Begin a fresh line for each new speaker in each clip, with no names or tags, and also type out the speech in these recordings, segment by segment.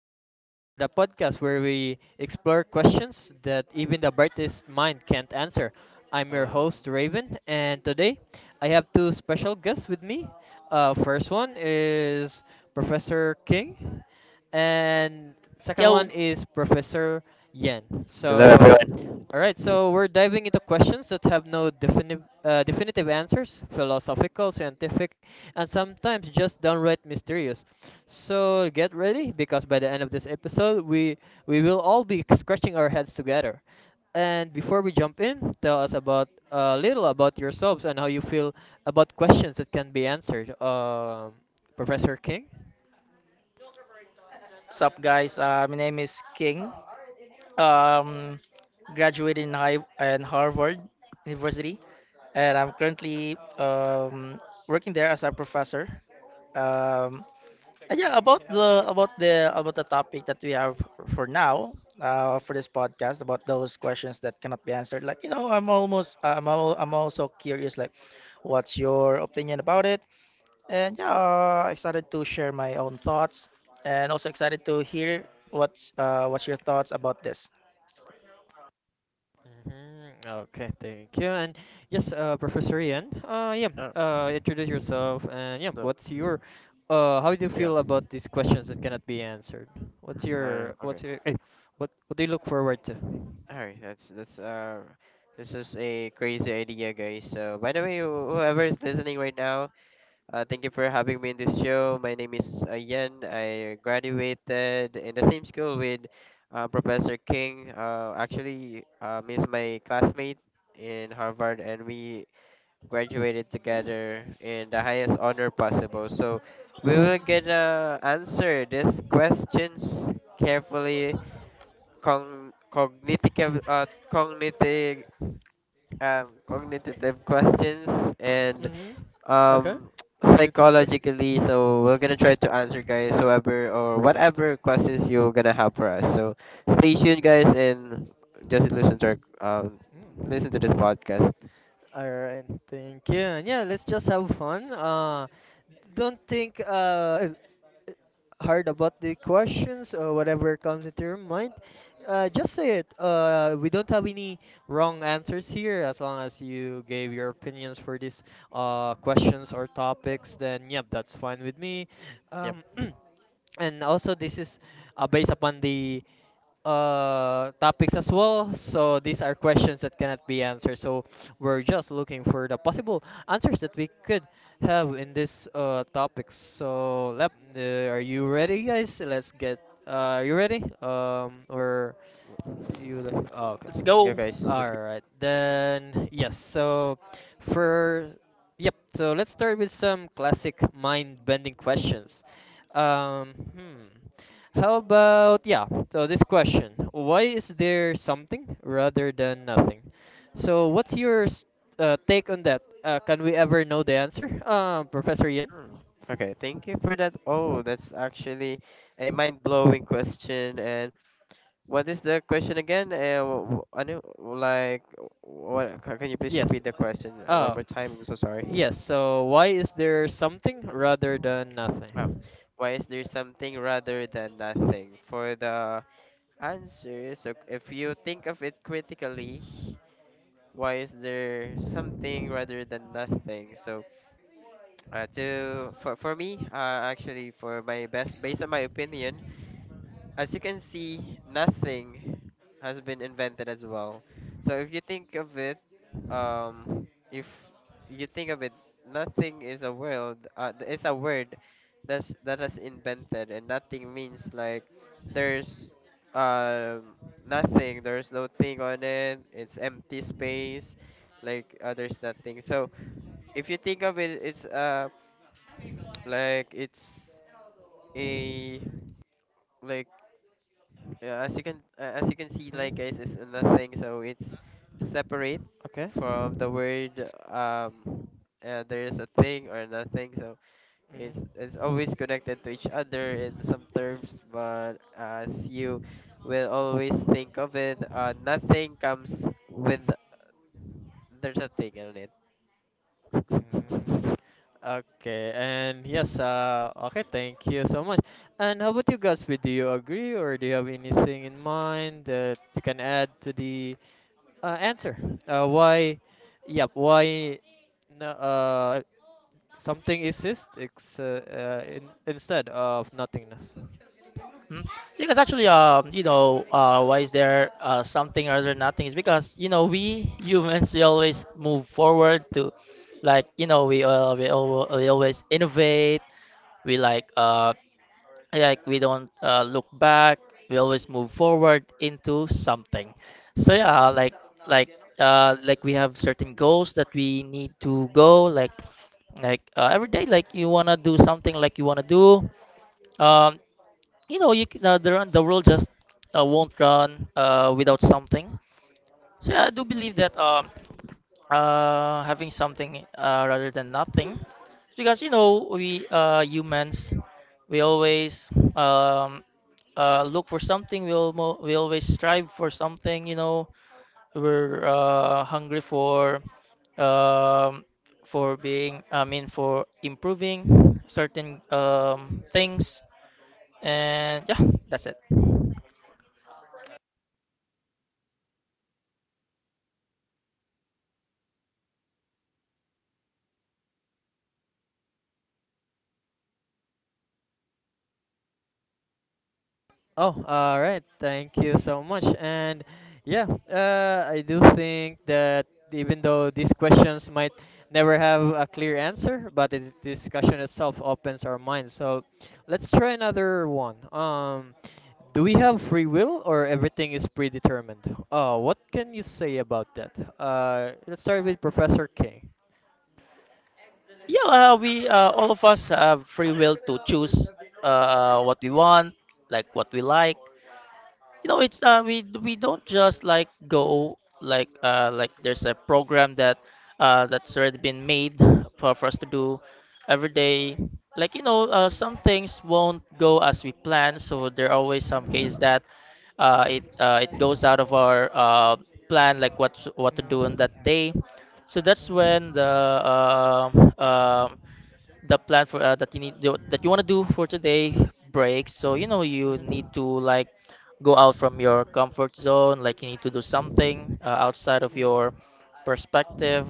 the podcast where we explore questions that even the brightest mind can't answer. I'm your
Uh,
host Raven, and today I have two special guests with me. First one is Professor King, and second
Yo,
one is Professor Yen.
Hello,
So
everyone.
all right, so we're diving into questions that have no definitive answers, philosophical, scientific, and sometimes just downright mysterious. So get ready, because by the end of this episode, we will all be scratching our heads together. And before we jump in, tell us about a little about yourselves and how you feel about questions that can be answered. Professor King.
what's up, guys? My name is King. Um, Graduated in high in Harvard University, and I'm currently working there as a professor. Um, and yeah, about the topic that we have for now, for this podcast, about those questions that cannot be answered. Like you know, I'm almost I'm al- I'm also curious. Like, what's your opinion about it? And yeah, excited to share my own thoughts, and also excited to hear what's your thoughts about this.
Mm-hmm. Okay, thank you. And yes, Professor Ian,
uh,
introduce yourself. And yeah,
so
how do you
yeah.
feel about these questions that cannot be answered? What's your, what's
Okay.
your, eh, what do you look forward to?
All right. That's This is a crazy idea, guys. So, by the way, whoever is listening right now, thank you for having me in this show. My name is Yen. I graduated in the same school with Professor King. Actually, he's my classmate in Harvard, and we graduated
Mm.
together in the highest honor possible. So we will gonna answer these questions carefully, con- cognitive, uh, cognitive, cognitive questions, and
Mm-hmm. Okay.
um,
Good, good question.
psychologically. So we're gonna try to answer, guys, whoever or whatever questions you're gonna have for us. So stay tuned, guys, and just um, listen to this
Mm.
podcast.
Alright, thank you. And yeah, let's just have fun. Don't think hard about the questions or whatever comes into your mind. Just say it. We don't have any wrong answers here. As long as you gave your opinions for these questions or topics, then yep, that's fine with me. Um,
Yep,
and also, this is based upon the topics as well. So these are questions that cannot be answered. So we're just looking for the possible answers that we could have in this topics. So, are you ready, guys? Let's get. Are you ready? Or you like oh, okay.
Let's
let's go,
go.
guys. Let's
All
go.
right. Then yes. So for yep. So let's start with some classic mind-bending questions. Hmm. How about yeah? So this question: why is there something rather than nothing? So take on that? Can we ever know the answer, Professor Ian?
Mm. Okay, thank you for that. Oh, that's actually a mind-blowing question. And what is the question again? I know, like, Can you please
Yes.
repeat the question one
Uh,
more time? I'm so sorry.
yes. So why is there something
Hmm.
rather than
Wow.
nothing?
Why is there something rather than nothing? For the answer, so if you think of it critically, why is there something rather than nothing? So, to for me, actually, for my best, based on my opinion. As you can see, nothing has been invented as well. So if you think of it, if you think of it, nothing is a world. It's a word that has invented, and nothing means like there's nothing. There's no thing on it. It's empty space. Like, there's nothing. So if you think of it, it's like it's a like yeah, as you can see, like,
Hmm?
guys, it's nothing. So it's separate
Okay.
from the word. There is a thing or nothing. So
Hmm.
it's always connected to each other in some terms. But as you will always think of it, nothing comes with there's a thing on it.
Mm. Okay, and yes, okay, thank you so much. And how about you guys? Would Do you agree, or do you have anything in mind that you can add to the answer? Uh, why, yep, why, no, something instead of nothingness?
Hmm? Because actually, you know, why is there something rather than nothing? Is because you know we humans we always move forward to, like you know we always innovate. We like Like we don't look back, we always move forward into something. So yeah, like like we have certain goals that we need to go, like, every day, like you want to do something, like you want to do, um, you know, you can, the world just won't run without something. So yeah, I do believe that, having something rather than nothing, because you know we humans, we always, um, look for something. We always strive for something, you know. We're hungry for, um, for being I mean for improving certain things. And yeah, that's it.
Oh, all right. Thank you so much. And yeah, I do think that even though these questions might never have a clear answer, but the discussion itself opens our minds. So let's try another one. Do we have free will or everything is predetermined? What can you say about that? Let's start with Professor King.
Yeah, we all of us have free will to choose what we want, like what we like. You know, it's we don't just like go, like, like there's a program that that's already been made for us to do every day. Like you know, some things won't go as we plan, so there are always
Mhm.
some
Mhm.
cases
Mhm.
that it goes out of our plan, like what to do on
Mhm.
that day. So that's when uh, uh, the plan for, that you want to do for today breaks. So you know, you need to like go out from your comfort zone, like you need to do something outside of your perspective,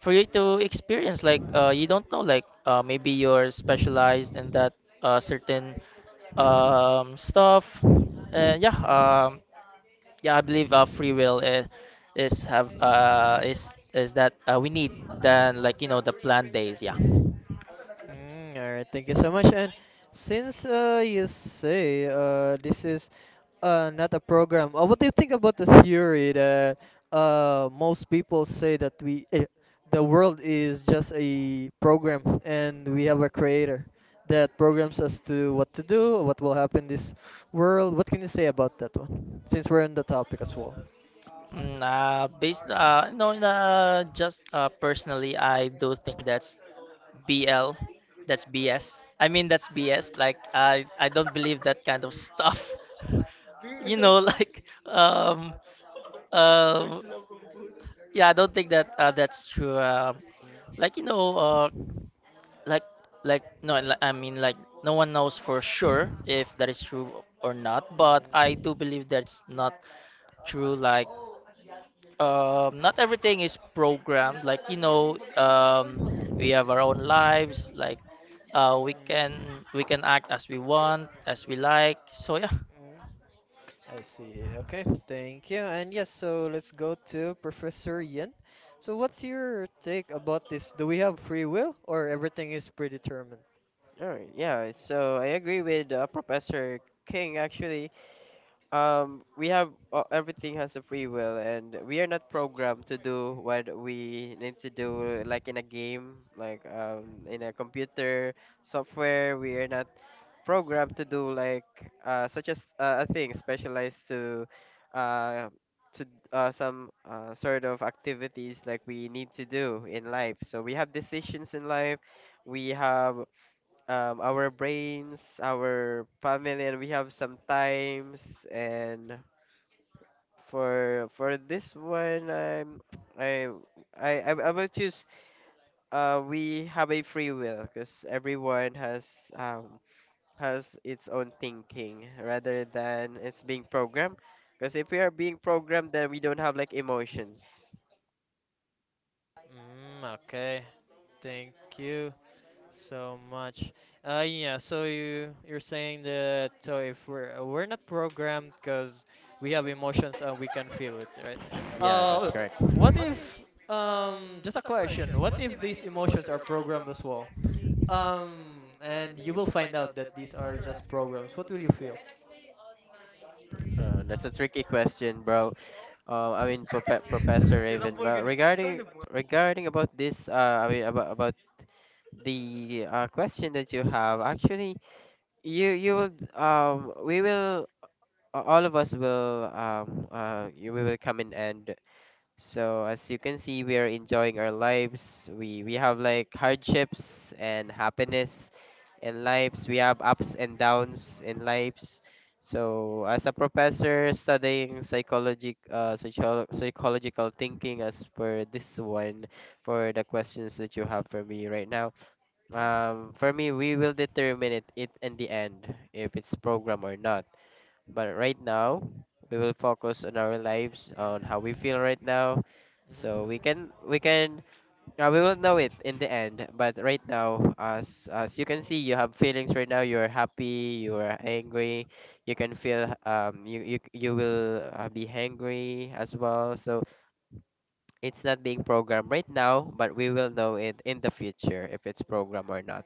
for you to experience, you don't know, maybe you're specialized in that certain stuff. and yeah
Mhm. Mhm.
um, yeah, I believe free will is have is that, we need, than, like you know, the planned days. Yeah.
Mm, all right, thank you so much. And since you say this is not a program, what do you think about the theory that most people say that the world is just a program and we have a creator that programs us to what to do, what will happen in this world? What can you say about that one? Since we're on the topic as well.
Mm, based no Just personally, I do think BL that's B S. I mean, that's BS, like I don't believe that kind of stuff. You know, like, um yeah, I don't think that's true, like you know,
Mhm.
like like no li- I mean, like, no one knows for sure if that is true or not, but I do believe that's not true, like, not everything is programmed, like you know, we have our own
Mm.
lives, like we can act as we want, as we like, so yeah.
Mhm. I see. Okay, thank you. And yes, so let's go to Professor Yin. So, what's your take about this? Do we have free will or everything is predetermined?
All right. Yeah. So I agree with Professor King, actually. We have Everything has a free will, and we are not programmed to do what we need to do, like in a game, like in a computer software. We are not programmed to do like such as a thing specialized to uh to some sort of activities like we need to do in life. So we have decisions in life. We have our brains, our family, and we have some times. And for this one, I'm I I will choose. We have a free will because everyone um has its own thinking rather than it's being programmed. Because if we are being programmed, then we don't have like emotions.
Mm, okay. Thank you so much. Yeah. So you're saying that so if we're we're not programmed because we have emotions and we can feel it, right?
Yeah, that's
Uh,
correct.
what if just a question: what if these emotions are programmed as well? And you will find out that these are just programs. What will you feel?
That's a tricky question, bro. I mean, Professor Raven. Well, regarding about this, I mean about the question that you have. Actually, you will we will a- all of us will you we will come in, and so as you can see, we are enjoying our lives. We have, like, hardships and happiness in lives. We have ups and downs in lives. So as a professor studying psychological thinking, as per this one, for the questions that you have for me right now,
Hmm.
for me, we will determine it in the end, if it's program or not. But right now, we will focus on our lives, on how
Hmm.
we feel right now. So
Hmm.
we will know it in the end. But right now, as you can see, you have feelings right now. You are happy. You are angry. You can feel. You will be hangry as well. So it's not being programmed right now, but we will know it in the future if it's programmed or not.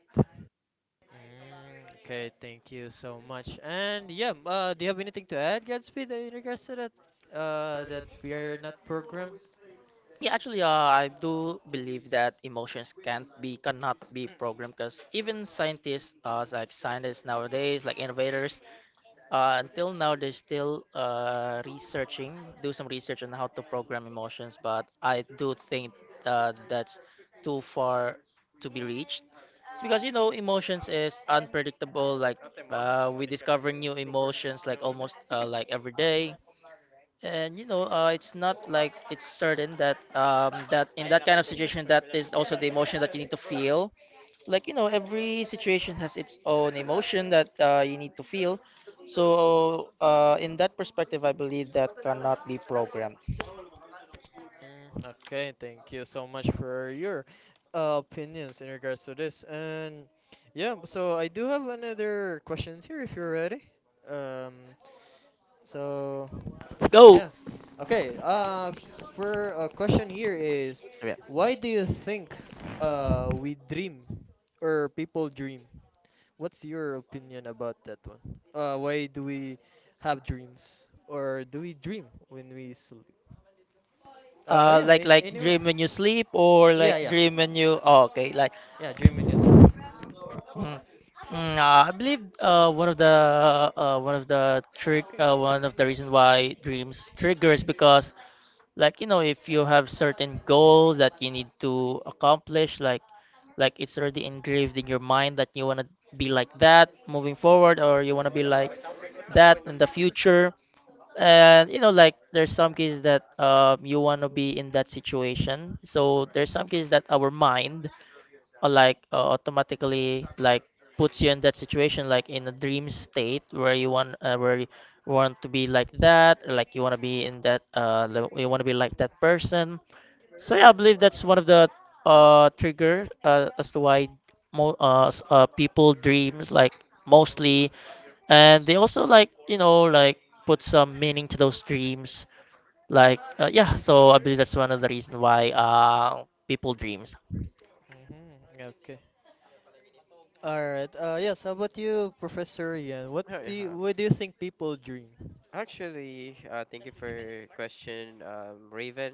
Mm, okay, thank you so much. And yeah, do you have anything to add, Godspeed, in regards to that? That we are not programmed.
Yeah, actually I do believe that emotions can't be cannot be programmed, because even scientists nowadays, like innovators. Until now, they're still researching, do some research on how to program emotions, but I do think that's too far to be reached. It's because you know, emotions is unpredictable. Like, we discover new emotions, like, almost, like every day, and you know, it's not like it's certain that, that in that kind of situation that is also the emotion that you need to feel. Like you know, every situation has its own emotion that you need to feel. So in that perspective, I believe that cannot be programmed.
Mm, okay, thank you so much for your opinions in regards to this. And yeah, so I do have another question here if you're ready. Um, so
Let's go.
yeah. Okay, for a question here is:
Yeah.
why do you think we dream or people dream? What's your opinion about that one? Why do we have dreams or do we dream when we sleep? Yeah,
Like,
anyone?
dream when you sleep, or
Yeah,
like
yeah,
dream when you. Oh, okay, like.
yeah. Dream when you sleep.
Mm, I believe, one of the trick one of the reason why dreams triggers, because like you know, if you have certain goals that you need to accomplish, like it's already engraved in your mind that you want to be like that moving forward, or you want to be like that in the future. And you know, like, there's some cases that, you want to be in that situation. So there's some cases that our mind, automatically, like, puts you in that situation, like in a dream state where you want to be like that, or like you want to be in you want to be like that person. So yeah, I believe that's one of the trigger, as to why people dreams, like, mostly, and they also, like you know, like put some meaning to those dreams. Like, yeah, so I believe that's one of the reason why people dreams.
Mm-hmm. Okay. All right. Yes. How about you, Professor Ian? What
Oh, yeah.
do you, what do you think people dream?
Actually, thank you for your question, Raven.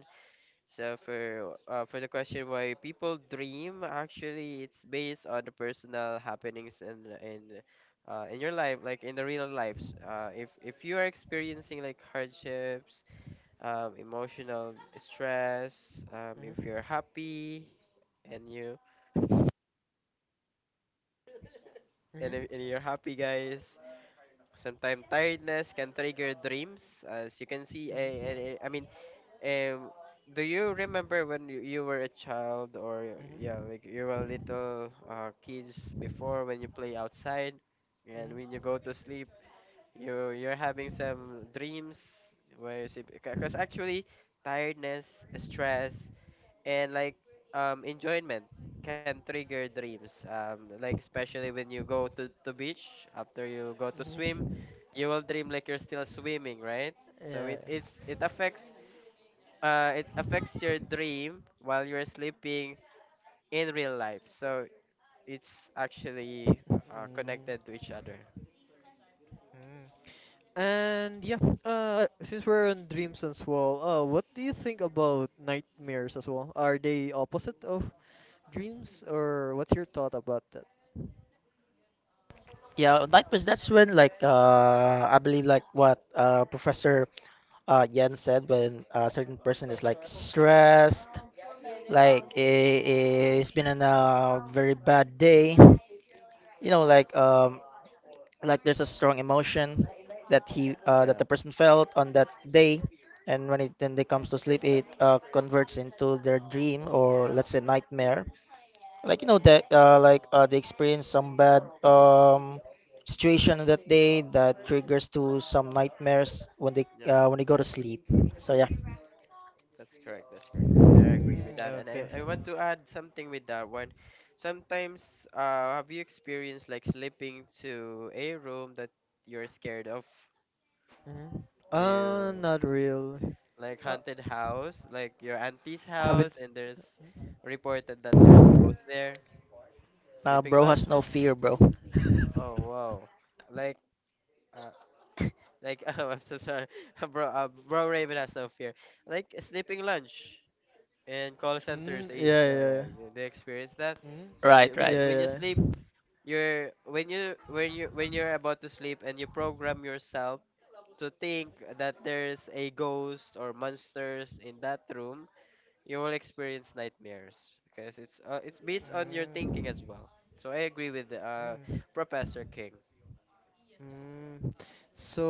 So for the question why people dream, actually, it's based on the personal happenings and in your life, like in the real lives. If you are experiencing, like, hardships, emotional stress, if you're
Mm-hmm.
happy, and you and,
Mm-hmm.
if, and you're happy, guys. Sometimes, tiredness can trigger dreams, as you can see. I,
Mm-hmm.
I, I mean. Um, do you remember when you were a child, or yeah, like you were
Mm-hmm.
little kids before, when you play outside and when you
Mm-hmm.
go to sleep, you're having some dreams where you see? Because actually, tiredness, stress, and like enjoyment can trigger dreams. Like, especially when you go to beach after you go to swim,
Mm-hmm.
you will dream, like, you're still swimming, right? So
Yeah.
it affects your dream while you're sleeping in real life. So it's actually connected to each other.
Mm-hmm. And yeah, since we're on dreams as well, what do you think about nightmares as well? Are they opposite of dreams, or what's your thought about that?
Yeah, likewise, that's when, like, I believe, like what Professor Yen said, when a certain person is like stressed,
Mm.
it's been on a very bad day. You know, like, like there's a strong emotion that
Yeah,
the person felt on that day. And when it then they comes to sleep, it converts into their dream, or let's say nightmare, like you know, that, they experience some bad situation on that day that
mhm,
triggers to some nightmares when they go to sleep. So yeah.
that's correct. That's correct. And I agree with
Mm,
that. And
okay.
I want to add something with that one. Sometimes, have you experienced, like, sleeping to a room that you're scared of?
Mm.
Do you
Not really.
like
Uh,
haunted house, like your auntie's
haven't.
house, and there's reported that there's ghosts there? Sleeping
Bro has no
lounges?
fear, bro.
Oh, wow. Like uh, oh, I'm so sorry. Bro Raven has no fear. Like, sleeping lunch in call centers,
Mm, yeah, yeah, yeah.
like, do you experience that?
Mm, yeah,
Right, right.
When you
yeah, yeah.
sleep you're when you when you when you're about to sleep, and you program yourself to think that there's a ghost or monsters in that room, you will experience nightmares because it's based on your thinking as
Mm.
well. So I agree with Professor King.
Mm, so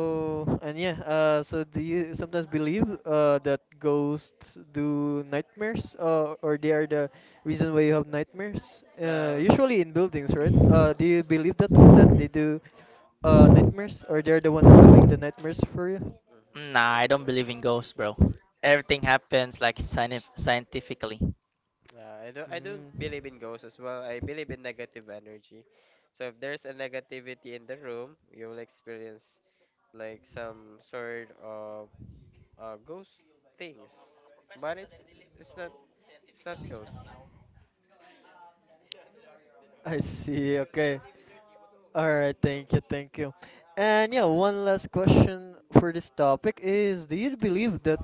and yeah, so do you sometimes believe that ghosts do nightmares, or they are the reason why you have nightmares?
Um.
Usually in buildings, right? Do you believe that one, that they do nightmares, or they're the ones doing the nightmares for you?
Nah, I don't believe in ghosts, bro. Everything happens like scientifically.
I don't
Mm,
believe in ghosts as well. I believe in negative energy. So if there's a negativity in the room, you will experience like some sort of ghost things. But it's not it's not ghost.
I see. Okay. All right. Thank you. Thank you. And yeah, one last question for this topic is: do you believe that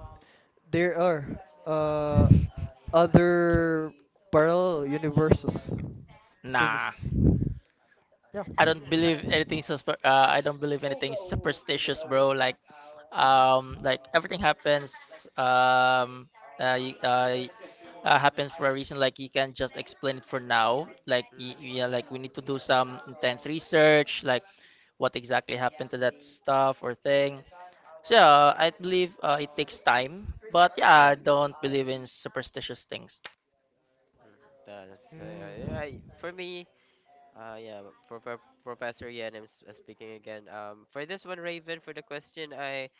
there are uh, other parallel universes,
Nah.
since yeah.
I don't believe anything superstitious, bro.
hmm
Like everything um, uh, y- uh, y- happens for a reason. Like, you can't just explain it for now. Like,
hmm
yeah, like we need to do some intense research, like, what exactly happened to that stuff or thing. So yeah, I believe it takes time. But yeah, I
Yeah,
don't believe in superstitious things.
that's
Mm.
I for me. Yeah, for Professor Yan, I'm speaking again. For this one, Raven, for the question, I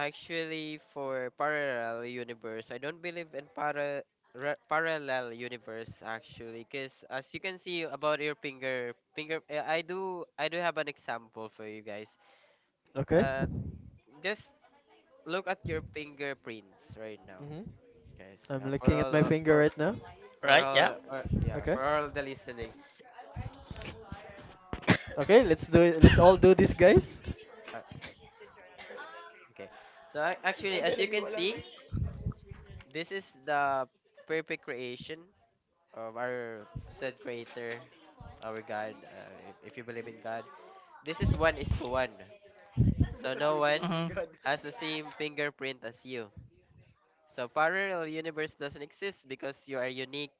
actually, for parallel universe, I don't believe in parallel universe, actually, because as you can see about your finger, I do have an example for you guys.
Okay.
Uh, just look at your fingerprints right now,
Hmm.
guys.
I'm looking at my finger right now.
For
Right? Yeah.
all, or yeah,
Okay.
for all the listening.
Okay, let's do it. Let's all do this, guys.
Uh, okay, so actually, as you can see, this is the perfect creation of our said creator, our God, if you believe in God, this is one is to one. So no one
Mm-hmm.
has the same fingerprint as you. So parallel universe doesn't exist because you are unique,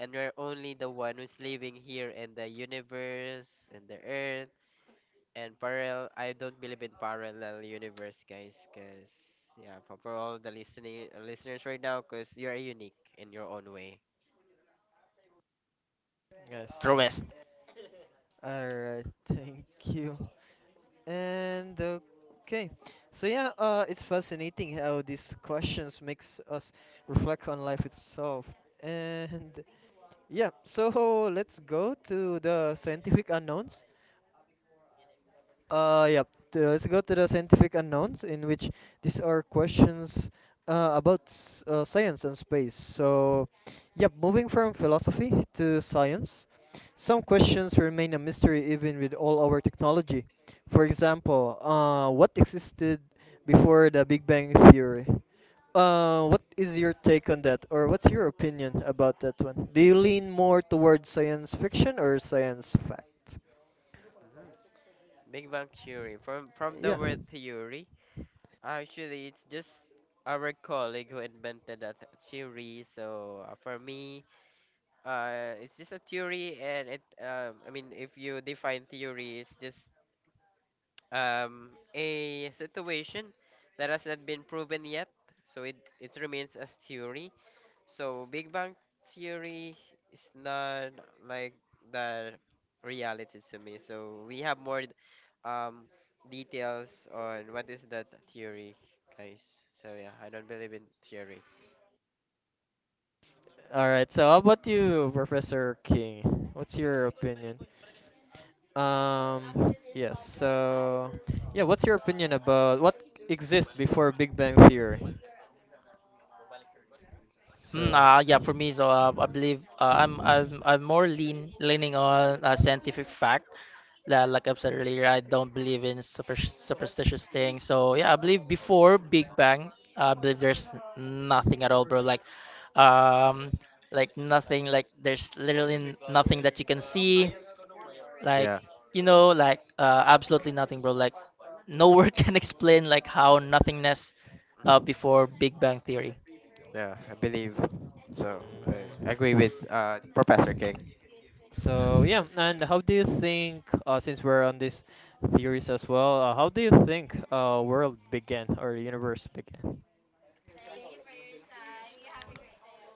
and you're only the one who's living here in the universe and the earth. And parallel I don't believe in parallel universe, guys, cuz yeah, for all the listening listeners right now, cuz you are unique in your own way.
I see. All right. Thank you. And okay, so yeah, it's fascinating how these questions makes us reflect on life itself. And yeah, so let's go to the scientific unknowns. Yep. Let's go to the scientific unknowns, in which these are questions science and space. So, yep, moving from philosophy to science, some questions remain a mystery even with all our technology. For example, what existed before the Big Bang Theory? What is your take on that, or what's your opinion about that one? Do you lean more towards science fiction or science fact?
Mm-hmm. Big Bang Theory. From
Yeah.
the word "theory", actually, it's just our colleague who invented that theory. So for me, it's just a theory, and it. I mean, if you define theory, it's just a situation that has not been proven yet. So it remains as theory. So Big Bang Theory is not like the reality to me. So we have more um details on what is that theory, guys. So yeah, I don't believe in theory.
All right. So how about you, Professor King? What's your opinion? Yes. So, yeah. What's your opinion about what exists before Big Bang Theory? So.
Yeah, for me, so I believe, I'm more leaning on scientific fact. That, like I've said earlier, I don't believe in superstitious things. So yeah, I believe before Big Bang, I believe there's nothing at all, bro. Um, like nothing. Like, there's literally nothing that you can see. Like,
Yeah,
you know, like, absolutely nothing, bro. Like, no word can explain like how nothingness, before Big Bang Theory.
yeah, I believe so. I
Hmm.
agree with Professor King.
So yeah. And how do you think? Since we're on these theories as well, how do you think world began or universe began?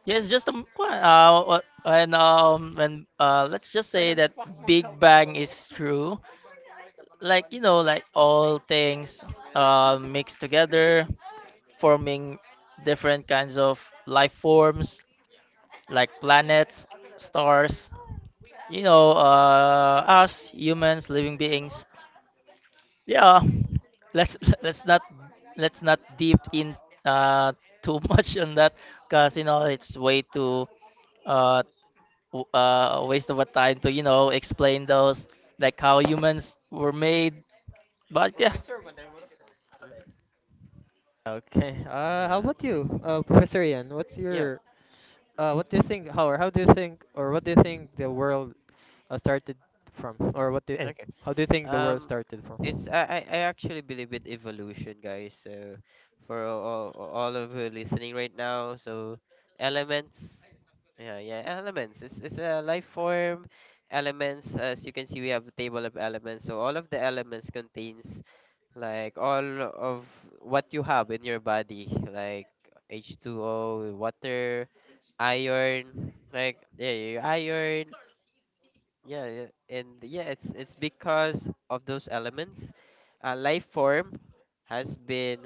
Yes, just kwa- wha- when let's just say that Big Bang is true. Like you know, like all things mixed together, forming different kinds of life forms, like planets, stars. You know, us humans, living beings. Yeah, let's let's not let's not deep in uh too much on that, 'cause you know, it's way uh waste of a time to, you know, explain those, like, how humans were made. But yeah,
Hmm.
Okay. How about
Yeah.
you, Professor Ian?
Yeah. Mhm.
What do you think, Howard? How do you think, or what do you think the world started from, or what do, eh,
Okay.
how do you think the world
Um
started
It's
from?
I actually believe in evolution, guys. So for all of you listening right now, so elements, yeah, yeah, elements. It's a life form. Elements, as you can see, we have a table of elements. So all of the elements contains, like, all of what you have in your body, like H2O, water, iron, like yeah, yeah iron, yeah, yeah, and yeah, it's because of those elements. Life form has been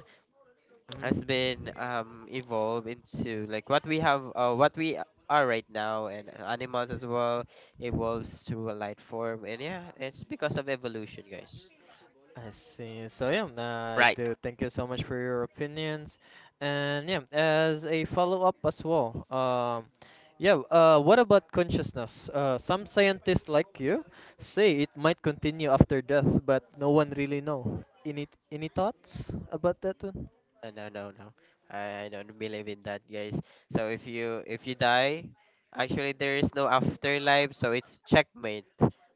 Hmm.
has been evolved into what we are right now, and animals as well evolves to a light form, and yeah, it's because of evolution, guys.
I see. So yeah, I
right.
do. Thank you so much for your opinions, and yeah, as a follow up as well. Yeah. What about consciousness? Some scientists like you say it might continue after death, but no one really know. Any thoughts about that one?
No, no, no, I don't believe in that, guys. So if you die, actually there is no afterlife, so it's checkmate.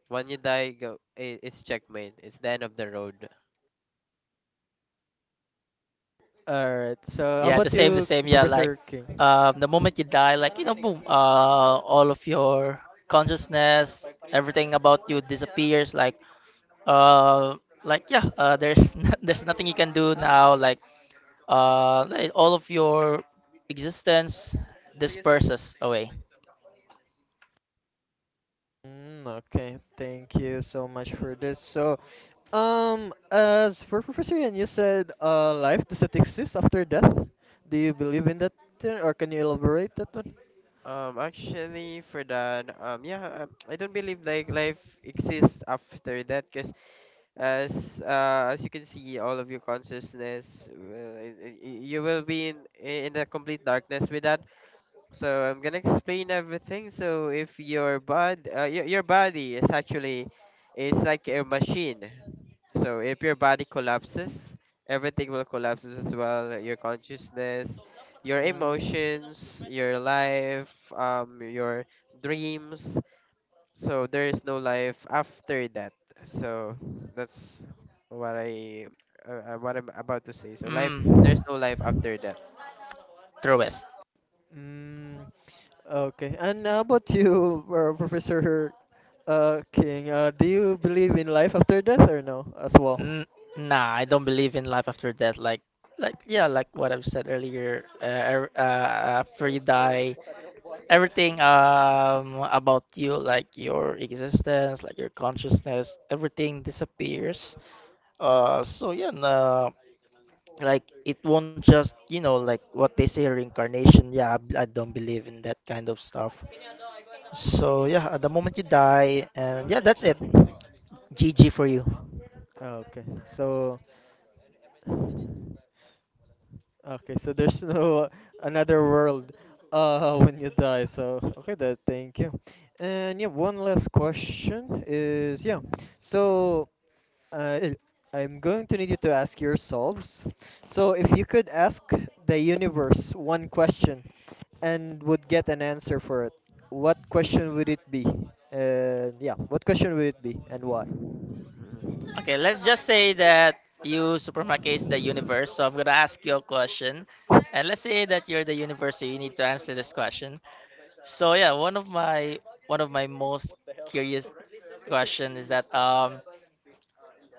When you die, it's checkmate. It's the end of the road.
All right. So how
Yeah, the
about
same, the
you,
same. Yeah, like,
Professor King?
the moment you die, like you know, boom, all of your consciousness, everything about you disappears. Like uh, like yeah, there's No- there's nothing you can do now. Like, like, all of your existence disperses away.
Mm, okay, thank you so much for this. So, as for Professor Ian, you said life does not exist after death. Do you believe in that, or can you elaborate that one?
Actually, for that, yeah, I don't believe like life exists after that, because as you can see, all of your consciousness, you will be in the complete darkness with that. So I'm gonna explain everything. So if your body is like a machine. So if your body collapses, everything will collapse as well. Your consciousness, your
Mm,
emotions, your life, your dreams. So there is no life after that. So that's what I, what I'm about to say. So life, there's
Mm,
no life after that.
truest.
mm, okay. And how about you, Professor King? Do you believe in life after death or no as well?
N Nah, I don't believe in life after death. Like, yeah, like what I've said earlier. After you die, everything, about you, like your existence, like your consciousness, everything disappears. So yeah, nah, like, it won't just, you know, like what they say, reincarnation. Yeah, I don't believe in that kind of stuff. So yeah, at the moment you die, and yeah, that's it.
Mhm.
G for you.
Okay. Okay, so there's no another world when you die. So okay, that thank you. And yeah, one last question is, yeah. So uh, I'm going to need you to ask yourselves. So if you could ask the universe one question and would get an answer for it, what question would it be? And yeah, what question would it be and why?
Okay, let's just say that you supermarket is the universe. So I'm gonna ask you a question, and let's say that you're the universe, so you need to answer this question. So yeah, one of my most curious question is that,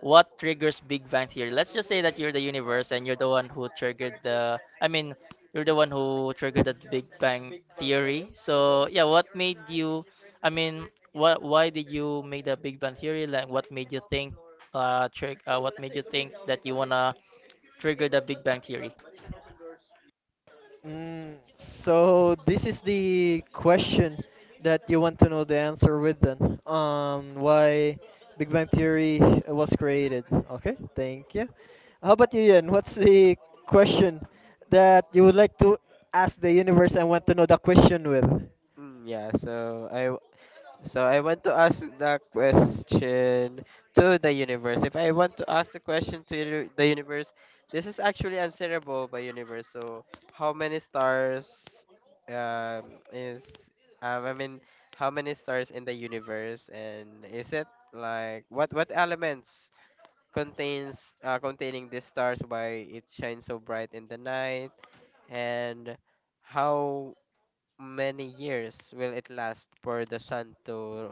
what triggers Big Bang Theory? Let's just say that you're the universe, and you're the one who triggered the Big Bang Theory. So yeah, what made you? I mean, what? Why did you make the Big Bang Theory? Like, what made you think? Trick. What made you think that you wanna trigger the Big Bang Theory?
Mm, so this is the question that you want to know the answer with then. Why Big Bang Theory was created. Okay, thank you. How about you, Ian? What's the question that you would like to ask the universe and want to know the question with?
Mm, yeah. So I want to ask the question to the universe. If I want to ask the question to the universe, this is actually answerable by universe. So how many stars um, is um, I mean how many stars in the universe, and is it like what elements contains containing these stars, why it shines so bright in the night, and how many years will it last for the sun to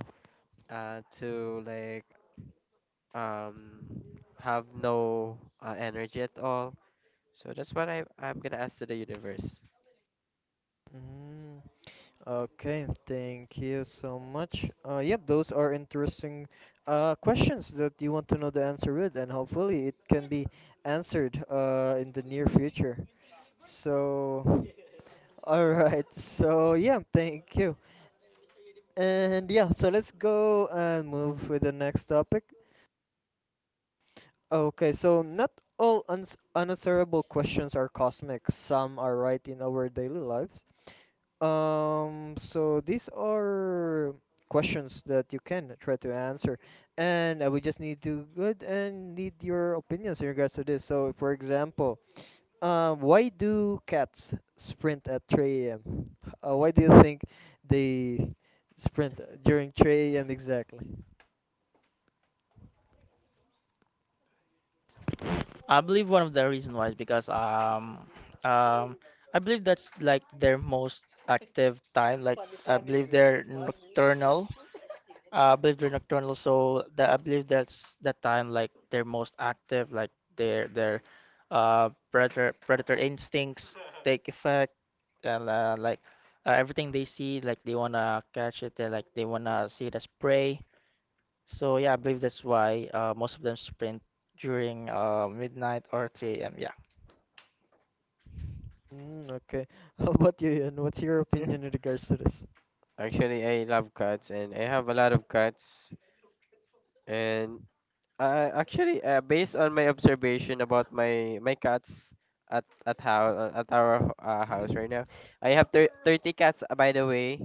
uh, to like um, have no energy at all. So that's what I'm gonna ask to the universe.
Mm. Okay, thank you so much. Yep, those are interesting questions that you want to know the answer with, and hopefully it can be answered in the near future. So, all right. So, yeah, thank you. And yeah, so let's go and move with the next topic. Okay, so not all uns unanswerable questions are cosmic. Some are right in our daily lives. So these are questions that you can try to answer, and I would just need your opinions in regards to this. So, for example, why do cats sprint at 3 a.m.? Why do you think they sprint during 3 a.m. exactly?
I believe one of the reason why is because, um I believe that's like their most active time. Like, I believe they're nocturnal. I believe they're nocturnal, so that I believe that's that time, like they're most active, like their predator instincts take effect, and like everything they see, like they wanna catch it, they like they wanna see it as prey. So yeah, I believe that's why most of them sprint during midnight or 3 a.m. Yeah,
Mm, okay. How about you, Ian? What's your
Yeah.
opinion in regards to this?
Actually, I love cats and I have a lot of cats. And based on my observation about my cats at our house
Mm-hmm.
right now, I have 30 cats, by the way.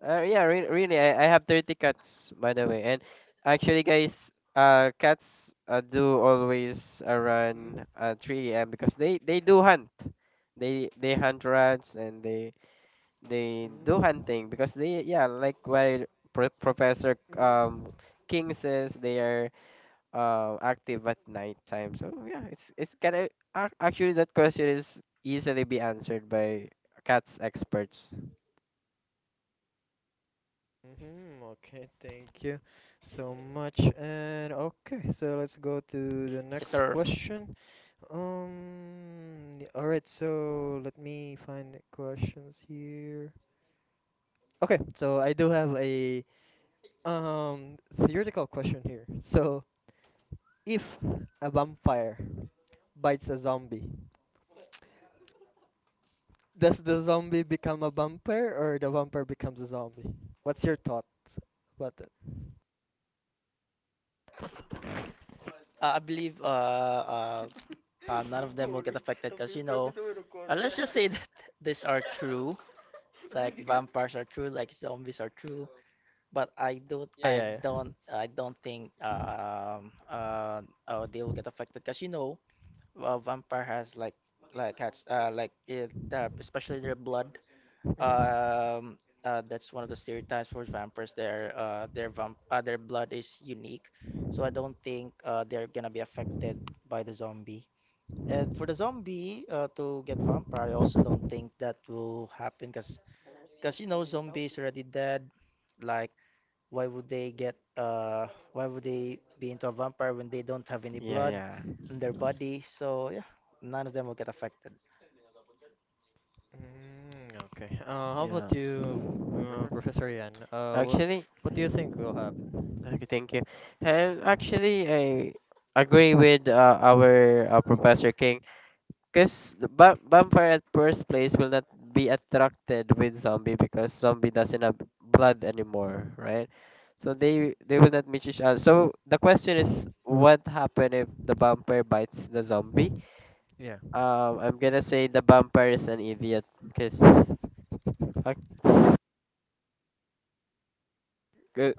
Yeah, re really, I have 30 cats, by the way. And actually, guys, cats do always
Mm-hmm.
run at 3 a.m. because they do hunt. They hunt rats, and they do hunting because they, yeah, like what Professor
Mm-hmm.
King says, they are active at night time. So yeah, it's kind of, actually, that question is easily be answered by cats experts.
Hmm. Okay, thank you so much. And okay, so let's go to the
yes
next
sir.
question. Yeah, all right, so let me find the questions here. Okay, so I do have a um theoretical question here. So, if a vampire bites a zombie, does the zombie become a vampire or the vampire becomes a zombie? What's your thoughts about that?
I believe none of them will get affected because you know, let's just say that these are true. Like vampires are true, like zombies are true. But
Yeah, yeah,
I don't think oh they will get affected because you know a vampire has like has like it, especially their blood.
yeah.
um that's one of the stereotypes for vampires, their blood is unique. So I don't think they're gonna be affected by the zombie. And for the zombie to get vampire, I also don't think that will happen because you know zombies already dead. Like, why would they get why would they be into a vampire when they don't have any
Yeah,
blood
yeah.
in their body? So yeah, none of them will get affected.
Mm, okay. How about
Yeah.
you,
Mhm.
Professor Yan? Uh, what
Actually,
what do you think will happen?
okay, thank you. And actually, I agree with our Professor King, because vampire at first place will not be attracted with zombie because zombie doesn't have blood anymore, right? So they will not meet each other. So the question is, what happen if the vampire bites the zombie?
Yeah.
I'm gonna say the vampire is an idiot because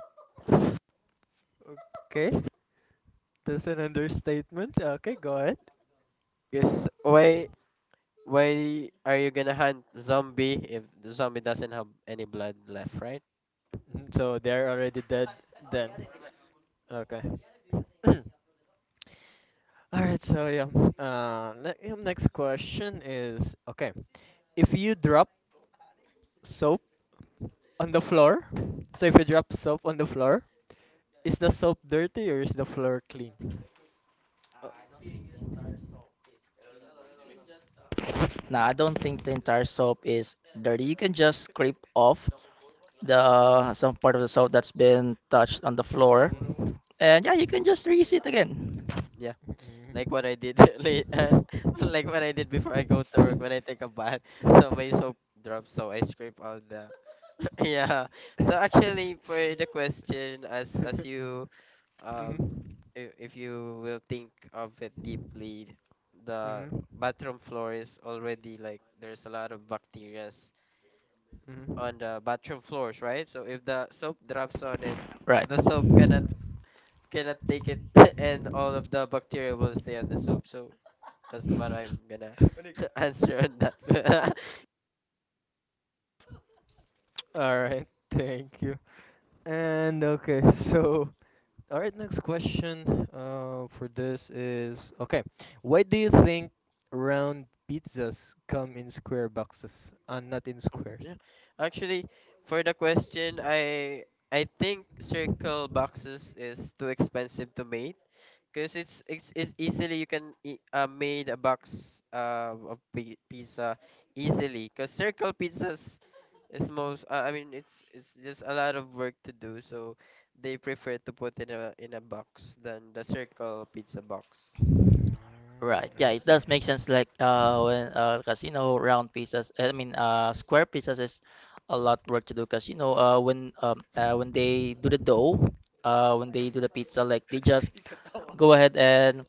Okay, that's an understatement. Okay, go ahead.
why? Why are you gonna hunt zombie if the zombie doesn't have any blood left, right?
Mm, so they're already dead then. Okay. All right. So yeah. Next question is okay. If you drop soap on the floor, so if you drop soap on the floor, is the soap dirty or is the floor clean?
Oh,
Now I don't think the entire soap is dirty. You can just scrape off the some part of the soap that's been touched on the floor. And yeah, you can just reuse it again.
yeah, like
Mm-hmm.
what I did like what I did before I go to work when I take a bath. So my soap drops, so I scrape out the. Yeah. So
Mhm.
actually, for the question, as you, um, if you will think of it deeply, the
Mhm.
bathroom floor is already like there's a lot of bacteria
Mhm.
on the bathroom floors, right? So if the soap drops on it,
Right.
the soap cannot take it, and all of the bacteria will stay on the soap. So that's what I'm gonna answer on that.
All right. Thank you. And okay, so all right, next question for this is okay, why do you think round pizzas come in square boxes and not in
Oh,
squares?
yeah. Actually, for the question, I think circle boxes is too expensive to make because it's easily you can e- made a box of pizza easily, because circle pizzas is most it's just a lot of work to do, so they prefer to put in a box than the circle pizza box.
Right.
Mm,
Yeah,
I
it does
see.
make sense. Like when, casino round pizzas, I mean, square pizzas is a lot work to do. Cause you know, when they do the dough, when they do the pizza, like they just go ahead and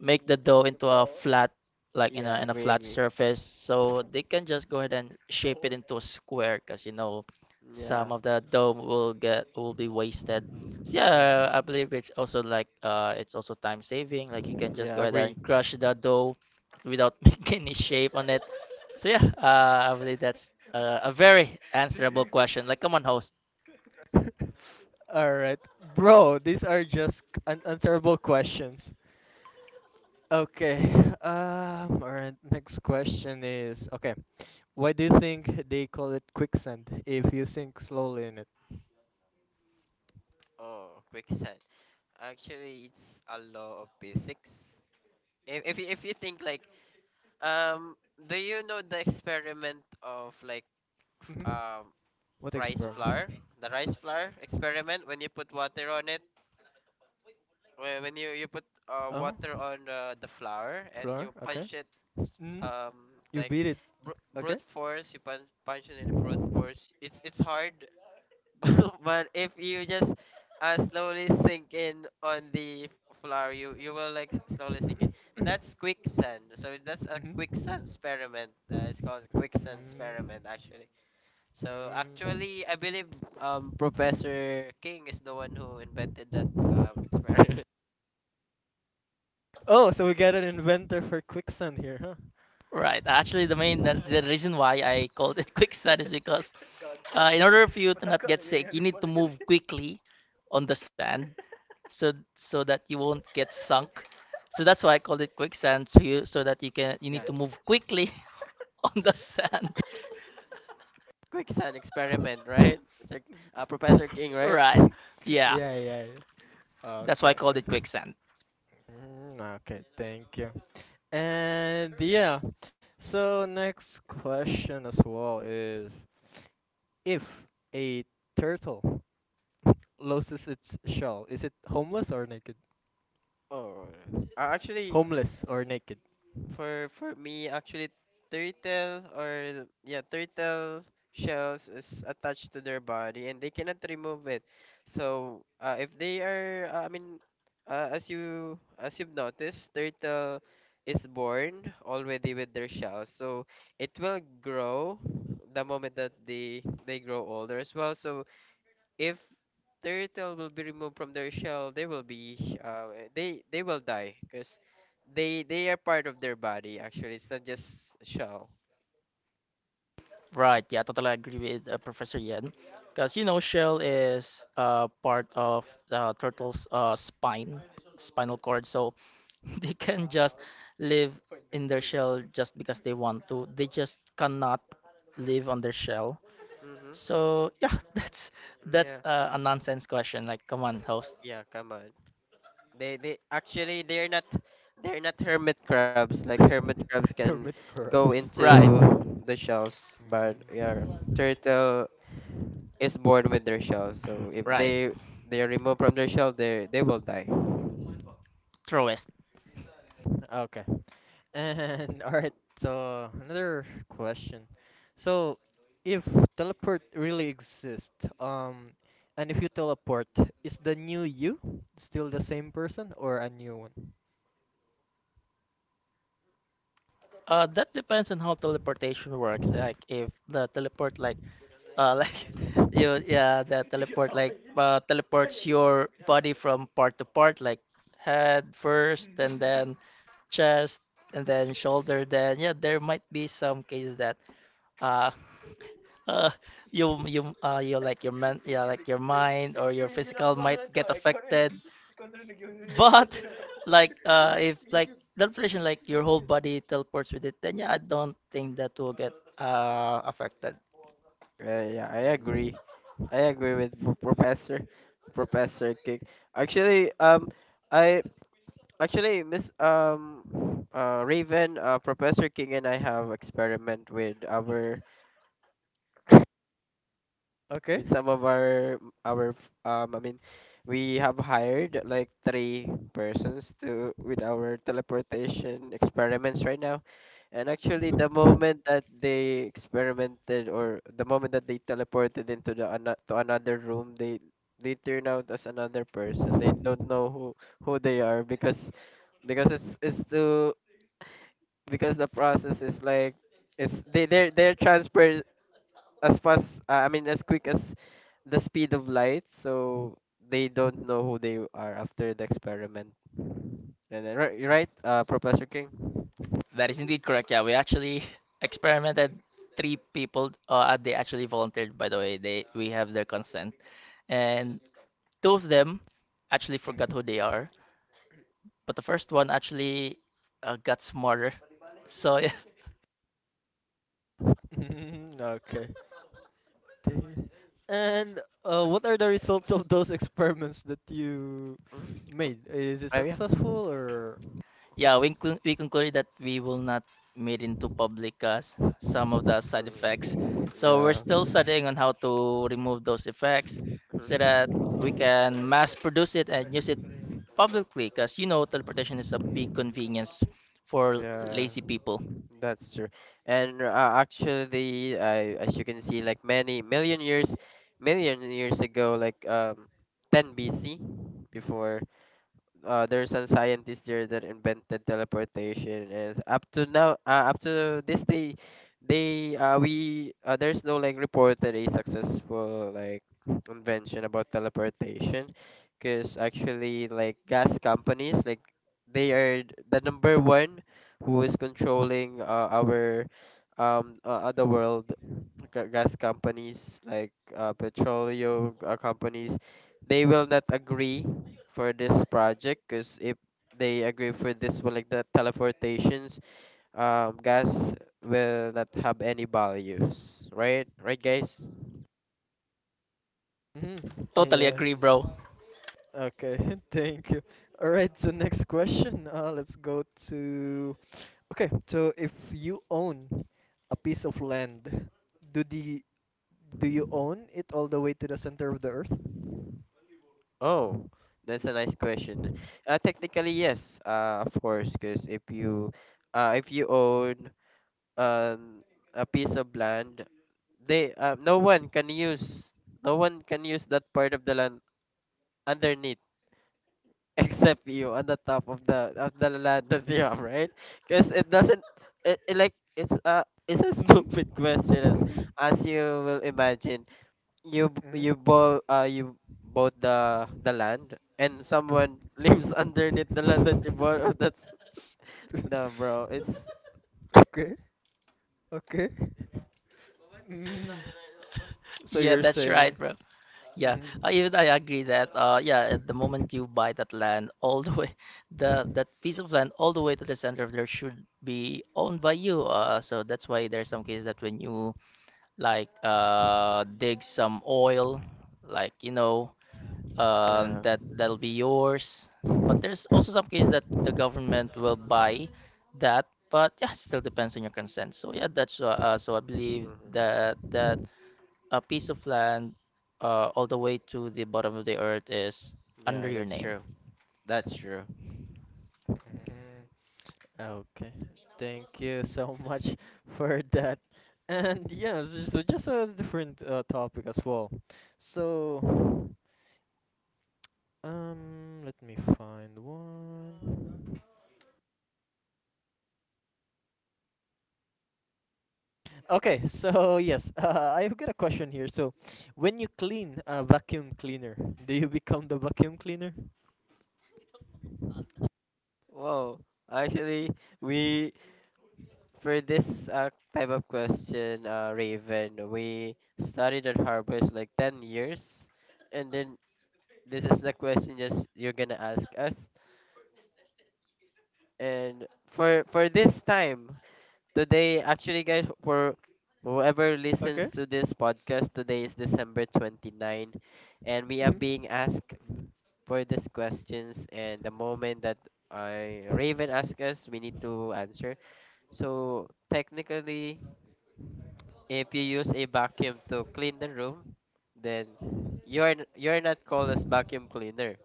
make the dough into a flat, like in a
Yeah, agree,
flat
agree.
surface, so they can just go ahead and shape it into a square. Cause you know
Yeah,
some of the dough will get will be wasted.
yeah,
Yeah, I believe it's also like it's also time saving. Like you can just go
yeah,
ahead
agree.
and crush the dough without making any shape on it. So yeah, I believe that's a very answerable question. Like, come on, host.
All right, bro, these are just unanswerable questions. Okay. Um. All right. Next question is okay. Why do you think they call it quicksand if you sink slowly in it?
Oh, quicksand. Actually, it's a law of physics. If you think like um, do you know the experiment of like f-
Hmm.
um
What
rice
experiment?
flour, the rice flour experiment, when you put water on it, when you you put
Oh,
water on the flour and
floor.
you
Okay.
punch it s-
Hmm.
um
You
like
beat it. Okay.
brute force, you punch it in a brute force. It's hard, but if you just slowly sink in on the floor, you will like slowly sink in.
Hmm.
That's quicksand. So that's a quicksand experiment. It's called quicksand
Mm,
experiment actually. So
mm.
actually, I believe Professor King is the one who invented that experiment.
Oh, so we got an inventor for quicksand here, huh?
Right. Actually, the reason why I called it quicksand is because in order for you to not get sick, you need to move quickly on the sand, so that you won't get sunk. So that's why I called it quicksand, so you, so that you can, you need
Yeah,
to move quickly on the sand.
quicksand experiment, right? It's like, Professor King, right?
Right. Yeah.
Yeah, yeah, yeah.
That's why I
Okay,
called
okay.
it quicksand.
Mm, okay, thank you. And yeah, so next question as well is if a turtle loses its shell, is it homeless or naked?
Oh, actually,
Homeless or naked?
For me, actually, turtle or, yeah, turtle shells is attached to their body and they cannot remove it. So if they are, I mean, as you've noticed, turtle is born already with their shells. So it will grow the moment that they grow older as well. So if turtle will be removed from their shell, they will be they will die because they are part of their body. Actually, it's not just shell.
Right. Yeah, totally agree with Professor Yen. Because, you know, shell is part of the turtle's spine, spinal cord. So they can just live in their shell just because they want to. They just cannot live on their shell.
Mm-hmm.
So yeah, that's
Yeah,
a nonsense question. Like, come on, host.
yeah. Come on. They they actually they're not they're not hermit crabs. Like hermit crabs can
Hermit
go
crabs.
into
Right.
the shells, but yeah,
Mm,
turtle is born with their shell. So if
Right.
they are removed from their shell, they will die.
Truest.
okay. And alright, so another question. So if teleport really exists, and if you teleport, is the new you still the same person or a new one?
That depends on how teleportation works. Like, if the teleport, like, like you, yeah, that teleport like, teleports your body from part to part, like head first, and then chest, and then shoulder. Then yeah, there might be some cases that uh uh, you you like your men, yeah, like your mind or your physical might get affected. But like, if like teleportation, like your whole body teleports with it, then yeah, I don't think that will get affected.
Yeah, yeah, I
Mm.
agree. I agree with Professor King. Actually, I actually Miss Raven, Professor King and I have experiment with our with
Okay.
some of our um I mean we have hired like three persons to with our teleportation experiments right now. And actually the
Mhm.
moment that they experimented, or the moment that they teleported into the ano to another room, they turn out as another person. They don't know who they are because it's to because the process is like it's they they're transfer as fast I mean as quick as the speed of light, so they don't know who they are after the experiment. And then, right, you're right, Professor King.
That is indeed correct. Yeah, we actually experimented. Three people, they actually volunteered. By the way, they we have their consent, and two of them actually forgot who they are, but the first one actually got smarter. So yeah.
Mhm. Okay. Dang. And what are the results of those experiments that you
Mm.
made? Is it
Oh yeah.
successful or
Yeah, we
what's?
inclu- we concluded that we will not made into public, some of the side effects.
Mm.
So we're
Yeah.
still studying on how to remove those effects so
Mm.
that we can mass produce it and use it publicly, because you know teleportation is a big convenience for
Yeah,
lazy people.
that's true. And as you can see, like many million years ago, like 10 BC, before, there's a scientist there that invented teleportation, and up to now, up to this day, they we there's no like reported a successful like invention about teleportation, because actually, like, gas companies, like, they are the number one who is controlling our other world. Gas companies like petroleum companies, they will not agree for this project, because if they agree for this one, like the teleportations gas will not have any values, right, right, guys?
Mhm.
Totally
Yeah.
agree, bro.
Okay. Thank you. All right. So next question. Let's go to. Okay. So if you own a piece of land, do the do you own it all the way to the center of the earth?
Oh, that's a nice question. Uh, technically yes, of course, because if you own um a piece of land, they no one can use, no one can use that part of the land underneath, except you, on the top of the land of the arm, right? Because it doesn't, it's a stupid question. as
Mm-hmm.
as you will imagine, you both you bought the land and someone lives underneath the land that you bought. Oh, that's no, bro. It's
Okay, okay. Mm. So
Yeah,
you're
that's right,
saying.
bro. Yeah,
Mhm.
even I agree that yeah, at the moment
Mhm.
you buy that land all the way, the that piece of land all the way to the center of there should be owned by you. So that's why there's some cases that when you like, dig some oil, like, you know,
yeah,
that that'll be yours. But there's also some cases that the government will buy that, but yeah, it still depends on your consent. So yeah, that's, so I believe
hmm,
that a piece of land, all the way to the bottom of the earth, is under
yeah.
your
That's
name.
true. That's true.
Okay. Thank you so much for that. And yeah, so so just a different topic as well. So, let me find one. Okay, so yes, I've got a question here. So, when you clean a vacuum cleaner, do you become the vacuum cleaner?
Whoa, actually, we for this type of question, Raven, we studied at Harvard like 10 years, and then this is the question just you're gonna ask us. And for this time today, actually, guys, for whoever
Okay.
listens to this podcast, today is December 29, and we are
Hmm.
being asked for these questions. And the moment that, Raven asks us, we need to answer. So technically, if you use a vacuum to clean the room, then you are not called as vacuum cleaner.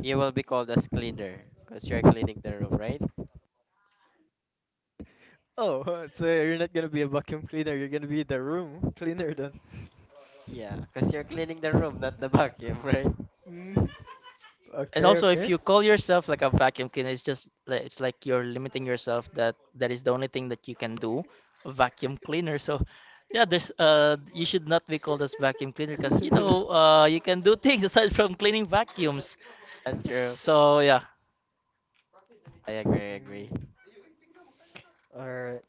You will be called as cleaner, because you're cleaning the room, right?
Oh, so you're not gonna be a vacuum cleaner. You're gonna be the room cleaner then.
Yeah, because you're cleaning the room, not the vacuum, right?
Mm.
And
Okay,
also, if
okay.
you call yourself like a vacuum cleaner, it's just like, it's like you're limiting yourself that that is the only thing that you can do, a vacuum cleaner. So yeah, there's you should not be called as vacuum cleaner because you know, you can do things aside from cleaning vacuums.
That's true.
So yeah.
I agree, I agree.
Mm. All right.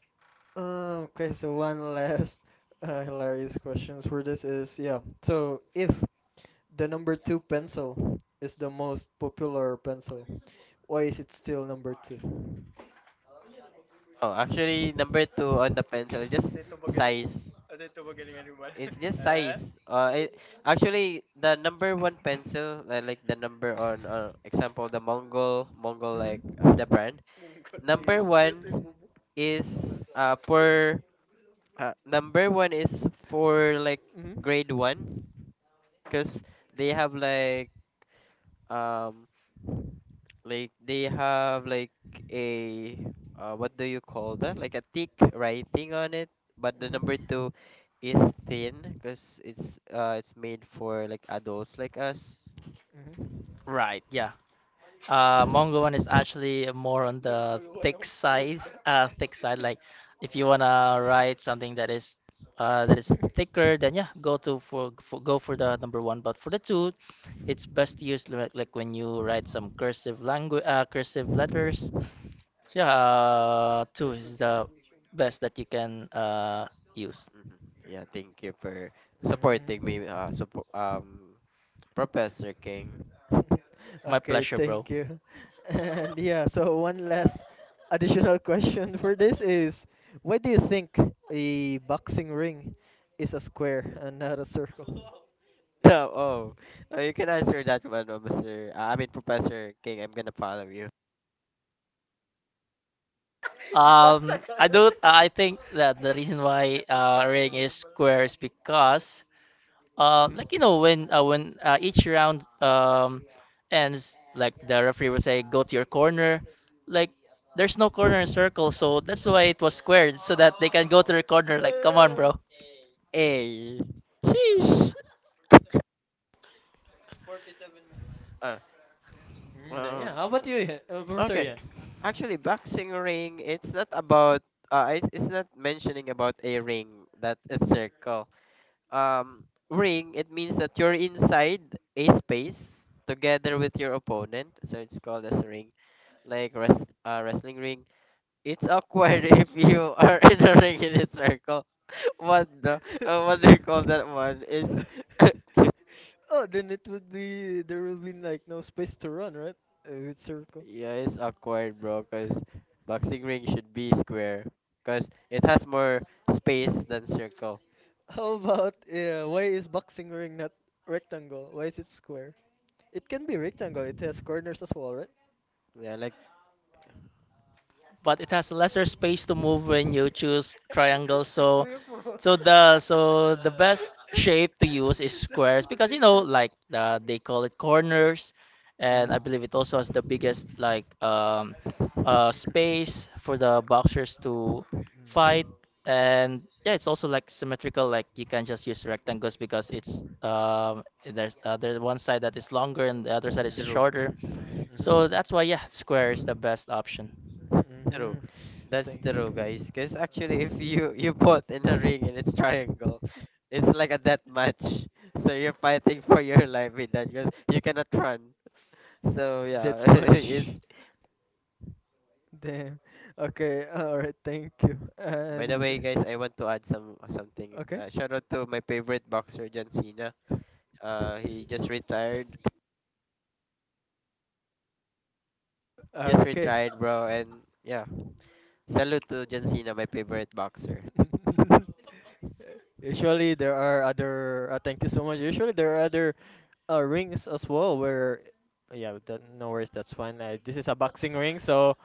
Um, okay, so one last hilarious questions for this is yeah. So if the number two pencil is the most popular pencil, why is it still number two?
Oh, actually, number two on the pencil, just size. It's just
Uh,
size.
Uh,
Actually,
Actually,
the
the number
number one
one pencil,
pencil,
the, like the number or,
example,
example,
the
the Mongol, Mongol
Mongol, like
line of
of the
the
Mm-hmm.
brand.
brand. Number
Number
one
one,
is uh
uh,
for Number one is for like grade one, because they have like um they have like a what do you call that, like a thick writing on it, but the number
Mhm.
two is thin because it's made for like adults like us.
Mhm.
right, yeah. Mongo one is actually more on the thick side, thick side. Like, if you wanna write something that is thicker, then yeah, go to for go for the number one. But for the two, it's best used like when you write some cursive language, cursive letters. So yeah, two is the best that you can use.
Hmm. Yeah, thank you for supporting
Mm.
me, support Professor King.
My
Okay,
pleasure, bro.
thank you. And yeah, so one last additional question for this is why do you think a boxing ring is a square and not a circle?
Oh, oh, you can answer that one, Professor King. I'm gonna follow you.
Um, I do. I think that the reason why Ring is square is because,
Mhm.
like you know, when each round ends, like the referee will say, "Go to your corner." Like, there's no corner in circle, so that's why it was squared, so that they can go to their corner. Like, come on, bro.
A. Sheesh. Uh,
Mm, yeah,
um.
how about you,
Okay.
Ian?
Actually, boxing ring. It's not about. It's not mentioning about a ring that is circle. Um, ring. It means that you're inside a space together with your opponent. So it's called as a ring, like wrestling ring. It's awkward if you are in a ring in a circle. What the? What do you call that one? It's
Oh, then it would be there will be like no space to run, right? With circle.
yeah, it's awkward, bro. Cause boxing ring should be square. Cause it has more space than circle.
How about why is boxing ring not rectangle? Why is it square? It can be rectangle. It has corners as well, right?
Yeah, like
But it has lesser space to move when you choose triangle. So, so the, so the best shape to use is squares because you know, like, they call it corners, and
Mm.
I believe it also has the biggest, like, space for the boxers to fight.
Mm.
And yeah, it's also like symmetrical. Like, you can just use rectangles because it's, there's, there's one side that is longer and the other side is
Mhm.
true,
shorter. So
Mhm.
that's why yeah, square is the best option.
true.
Mhm.
That's
Thank
true, guys. Cause actually, if you put in a ring and it's triangle, it's like a death match. So you're fighting for your life in that. Cause you cannot run. So
that
yeah,
much.
it's
Damn. Okay. All right. Thank you.
By the way,
And
guys, I want to add some something.
okay.
Shout out to my favorite boxer, John Cena. He just retired. Just
Okay.
retired, bro. And yeah, salute to John Cena, my favorite boxer.
Usually there are other. Thank you so much. Usually there are other rings as well. Where, yeah, that, no worries, that's fine. This is a boxing ring, so,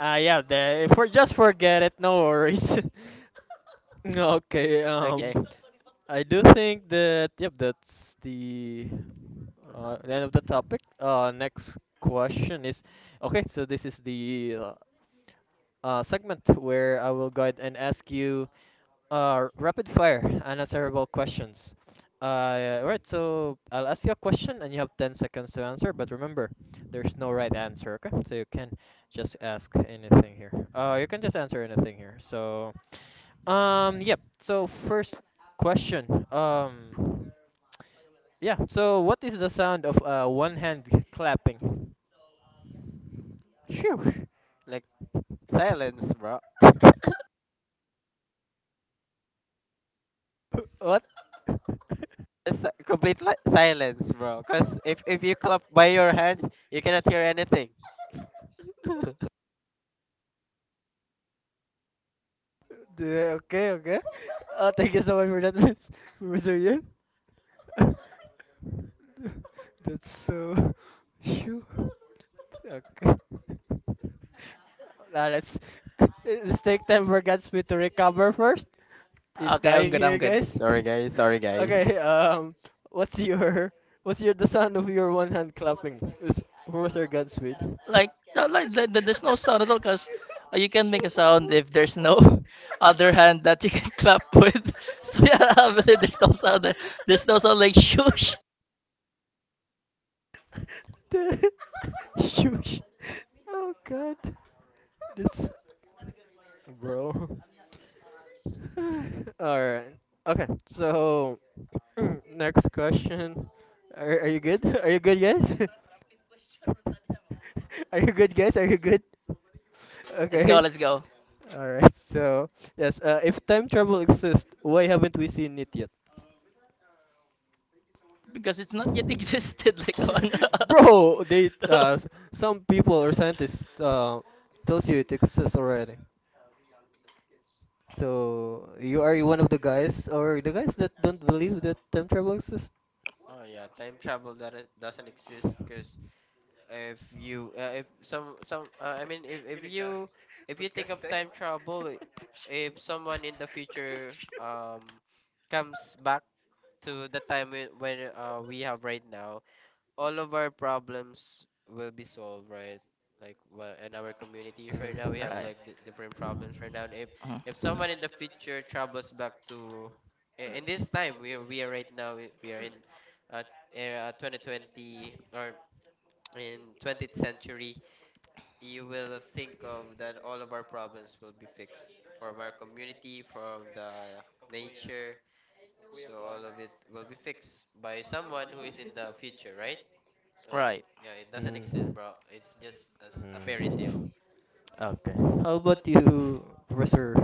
yeah, the, for just forget it. No worries. Okay.
Okay.
I do think that yep, that's
Mm-hmm.
the end of the topic. Next question is, okay, so this is the segment where I will go ahead and ask you rapid fire, unanswerable questions. Right, so I'll ask you a question and you have 10 seconds to answer, but remember, there's no right answer, okay? So you can just ask anything here. You can just answer anything here. So, yep. So first question. Yeah. So what is the sound of one hand clapping?
Shoo. Like silence, bro.
What?
It's a complete silence, bro. Cause if you clap by your hands, you cannot hear anything.
Dude, okay, okay. Thank you so much for that, Miss Mr. Yun. So, shoo. Okay. Now let's take time for Godspeed to recover first. He's
Okay, I'm
dying
good.
here,
I'm good.
guys.
Sorry, guys. Sorry, guys.
Okay. What's your what's your the sound of your one hand clapping? Who was your Godspeed?
Like, no, like, there's no sound at all because you can make a sound if there's no other hand that you can clap with. So yeah, obviously there's no sound. There. There's no sound, like, shush.
The- Shush. Oh God. This bro. All right. Okay. So next question. Are you good? Are you good, guys? Are you good, guys? Are you good?
Let's go.
Okay.
Let's go.
All right. So yes. If time travel exists, why haven't we seen it yet?
Because it's not yet existed. Like on.
Bro, they some people or scientists tells you it exists already. So you are one
Oh,
of the guys or the guys that don't believe that time travel exists?
oh yeah, time travel that doesn't exist because if you if some some if you think of time travel if someone in the future comes back to the time when we have right now, all of our problems will be solved, right? Like, well, in our communities right now we
Mm.
have
Right.
like different problems right now. And
Mhm.
if someone in the future travels back to in this time we are, right now we are in uh, era 2020, or in 20th century, you will think of that all of our problems will be fixed, from our community, from the nature. So all of it will be fixed by someone who is in the future, right? So
Right.
yeah, it doesn't exist,
Mm.
bro. It's just as a fairy tale.
Mm. Okay. How about you, Professor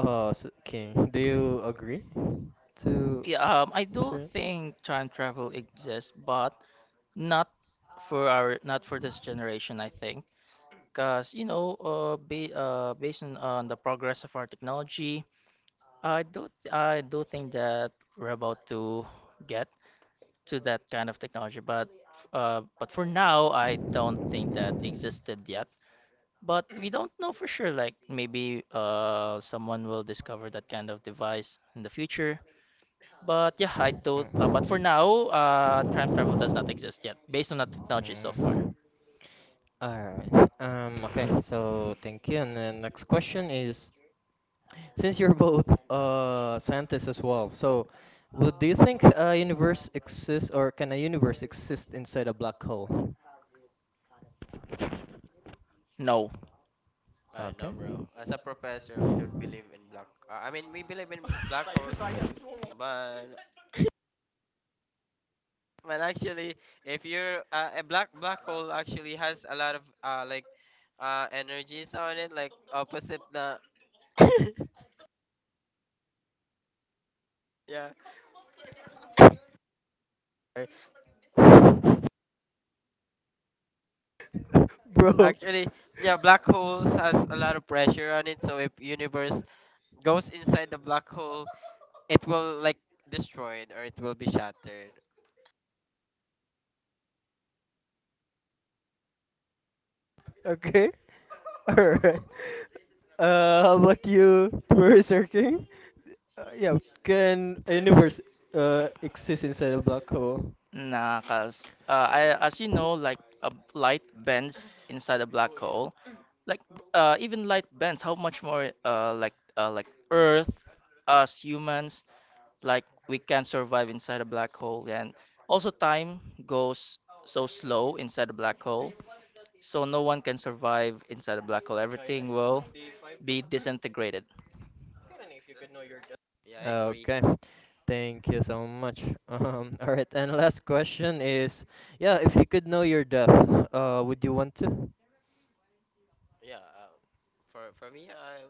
King? Do you agree to
Yeah. I do
Professor?
think time travel exists, but not for our, not for this generation, I think, because you know, ba based on the progress of our technology, I do think that we're about to get to that kind of technology. But for now, I don't think that existed yet. But we don't know for sure. Like, maybe someone will discover that kind of device in the future. But yeah, I don't. But for
Mm.
now, time travel does not exist yet, based on the technology so far.
Mm. Alright. Okay, so thank you. And the next question is, since you're both scientists as well, so would do you think a universe exists or can a universe exist inside a black hole?
No.
I know,
Okay.
bro. As a professor, we don't believe in black. I mean, we believe in black holes, but well, actually, if you're a black hole, actually has a lot of like energies on it, like opposite the yeah. Sorry.
Bro,
Actually, yeah, black holes has a lot of pressure on it. So if universe goes inside the black hole, it will like destroyed, or it will be shattered.
okay. Alright. How about you, Professor King? Yeah, can a universe exist inside a black hole?
Nah, cause I, as you know, like a light bends inside a black hole. Like, even light bends. How much more, like, like Earth, us humans, like, we can survive inside a black hole. And also time goes so slow inside a black hole, so no one can survive inside a black hole. Everything will be disintegrated.
Yeah, I agree.
Okay. Thank you so much. All right, and last question is, yeah, if you could know your death, would you want to?
Yeah, for me,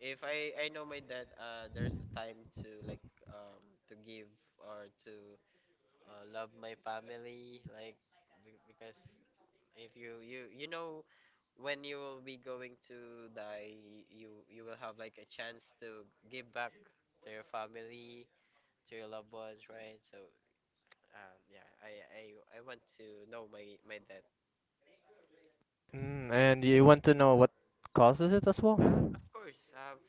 if I know my dad, there's a time to like to give or to love my family, like because if you know when you will be going to die, you will have like a chance to give back to your family, to your loved ones, right? So yeah, i I want to know my dad.
Mm, and you want to know what causes it as
Uh,
well?
of course.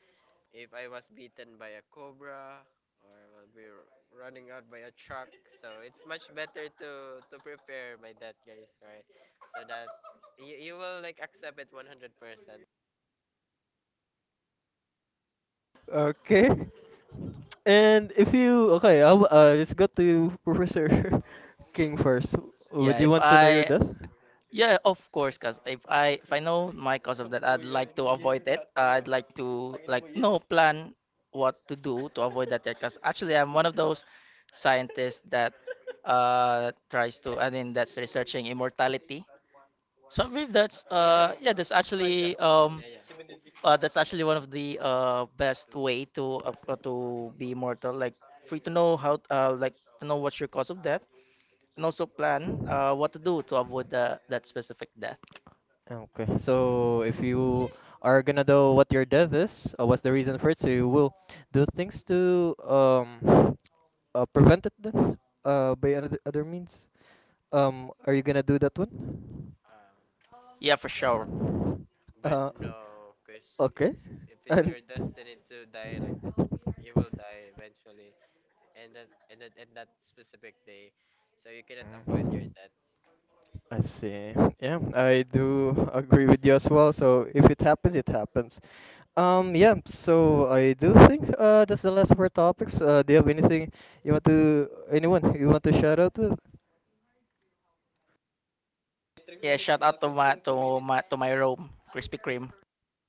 If I was beaten by a cobra, or I will be running out by a truck, so it's much better to prepare by that, guys, right? So that you will like accept it 100%.
Okay. And if you okay, let's go to Professor King first. Would
Yeah,
you
if
want to know your
I,
death?
yeah, of course, cause if I, know my cause of that, I'd like to avoid it. I'd like to like no plan what to do to avoid that. Cause actually, I'm one of those scientists that tries to. I mean, that's researching immortality. So I believe that's yeah, that's actually um
Yeah, yeah.
uh, that's actually one of the best
Mhm.
way to be immortal. Like, free to know how, like, to know what's your cause of death and also plan what to do to avoid the that specific death.
Okay, so if you are gonna know what your death is, or what's the reason for it, so you will do things to prevent it then, by another other means. Are you gonna do that one?
Um,
Yeah, for sure.
but
Uh,
no, because
okay,
it's if it's
and.
your destiny to die, like you will die eventually, and that specific day, so you cannot avoid your
Mm.
death.
I see. Yeah, I do agree with you as well. So if it happens, it happens. Yeah. So I do think that's the last of our topics. Do you have anything you want to anyone you want to shout out to?
Yeah, shout out to my Rome, Krispy Kreme.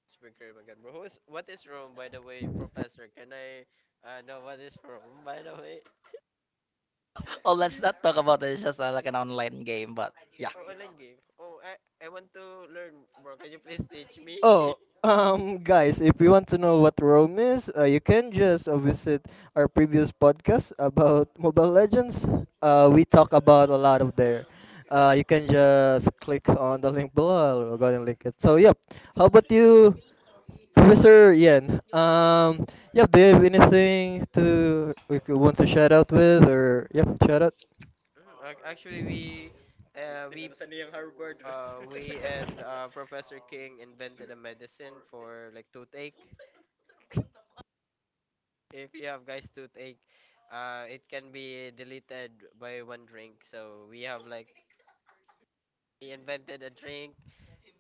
It's Bikram again. Bro, what is Rome, by the way, Professor? Can I know what is Rome, by the way?
Oh, let's not talk about it. It's just like an online game, but yeah,
Oh, online game. I want to learn, bro. Can you please teach me?
Oh, guys, if you want to know what Rome is, you can just visit our previous podcast about Mobile Legends. We talk about a lot of there. You can just click on the link below. We're gonna link it. So yep. How about you? Professor Yen, yeah, do you have anything
Hmm?
to we could want to shout out with
Actu-
or yeah, shout out?
Actually, uh, we p- we and Professor King invented a medicine for like toothache. If you have guys toothache, it can be deleted by one drink. So we have like he invented a drink.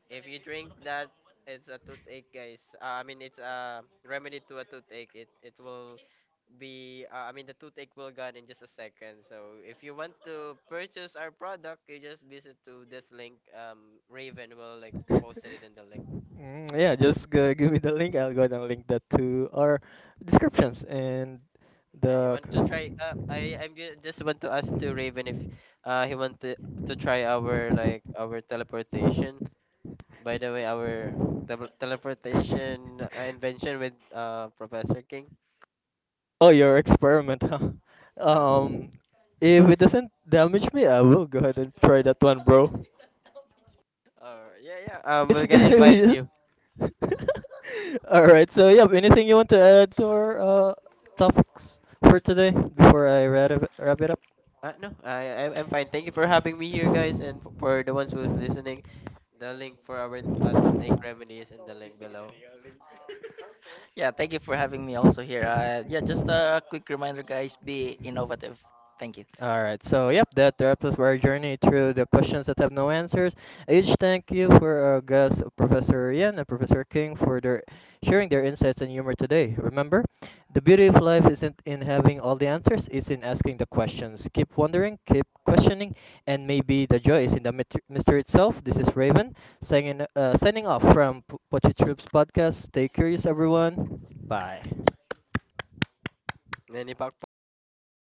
If you drink that, it's a toothache, guys. I mean, it's a remedy to a toothache. It will be. I mean, the toothache will gone in just a second. So if you want to purchase our product, you just visit to this link. Raven will like posted it in the link.
Mm, yeah, just give me the link. I'll go ahead and link that to our descriptions and
Yeah, you
the.
want to try?
C-
I'm just want to ask to Raven if he want to try our like our teleportation. By the way, our teleportation invention with Professor King.
Oh, your experiment, huh?
Uh,
Um, if it doesn't damage me, I will go ahead and try that one, bro.
or yeah, yeah.
It's
We're gonna
gonna be
invite
just.
you.
All right. So yeah, anything you want to add to our uh, topics for today before I wrap it up?
No, I'm fine. Thank you for having me here, guys, and for the ones who's listening. The link for our toothache remedies in the link below.
yeah. Thank you for having me also here. Yeah, just a quick reminder, guys, be innovative. Thank you.
All right, so yep, that wraps up our journey through the questions that have no answers. A huge thank you for our guests, Professor Ian and Professor King, for their sharing their insights and humor today. Remember, the beauty of life isn't in having all the answers; it's in asking the questions. Keep wondering, keep questioning, and maybe the joy is in the mystery itself. This is Raven signing off from Pochi Troops podcast. Stay curious, everyone. Bye.
Nani Pak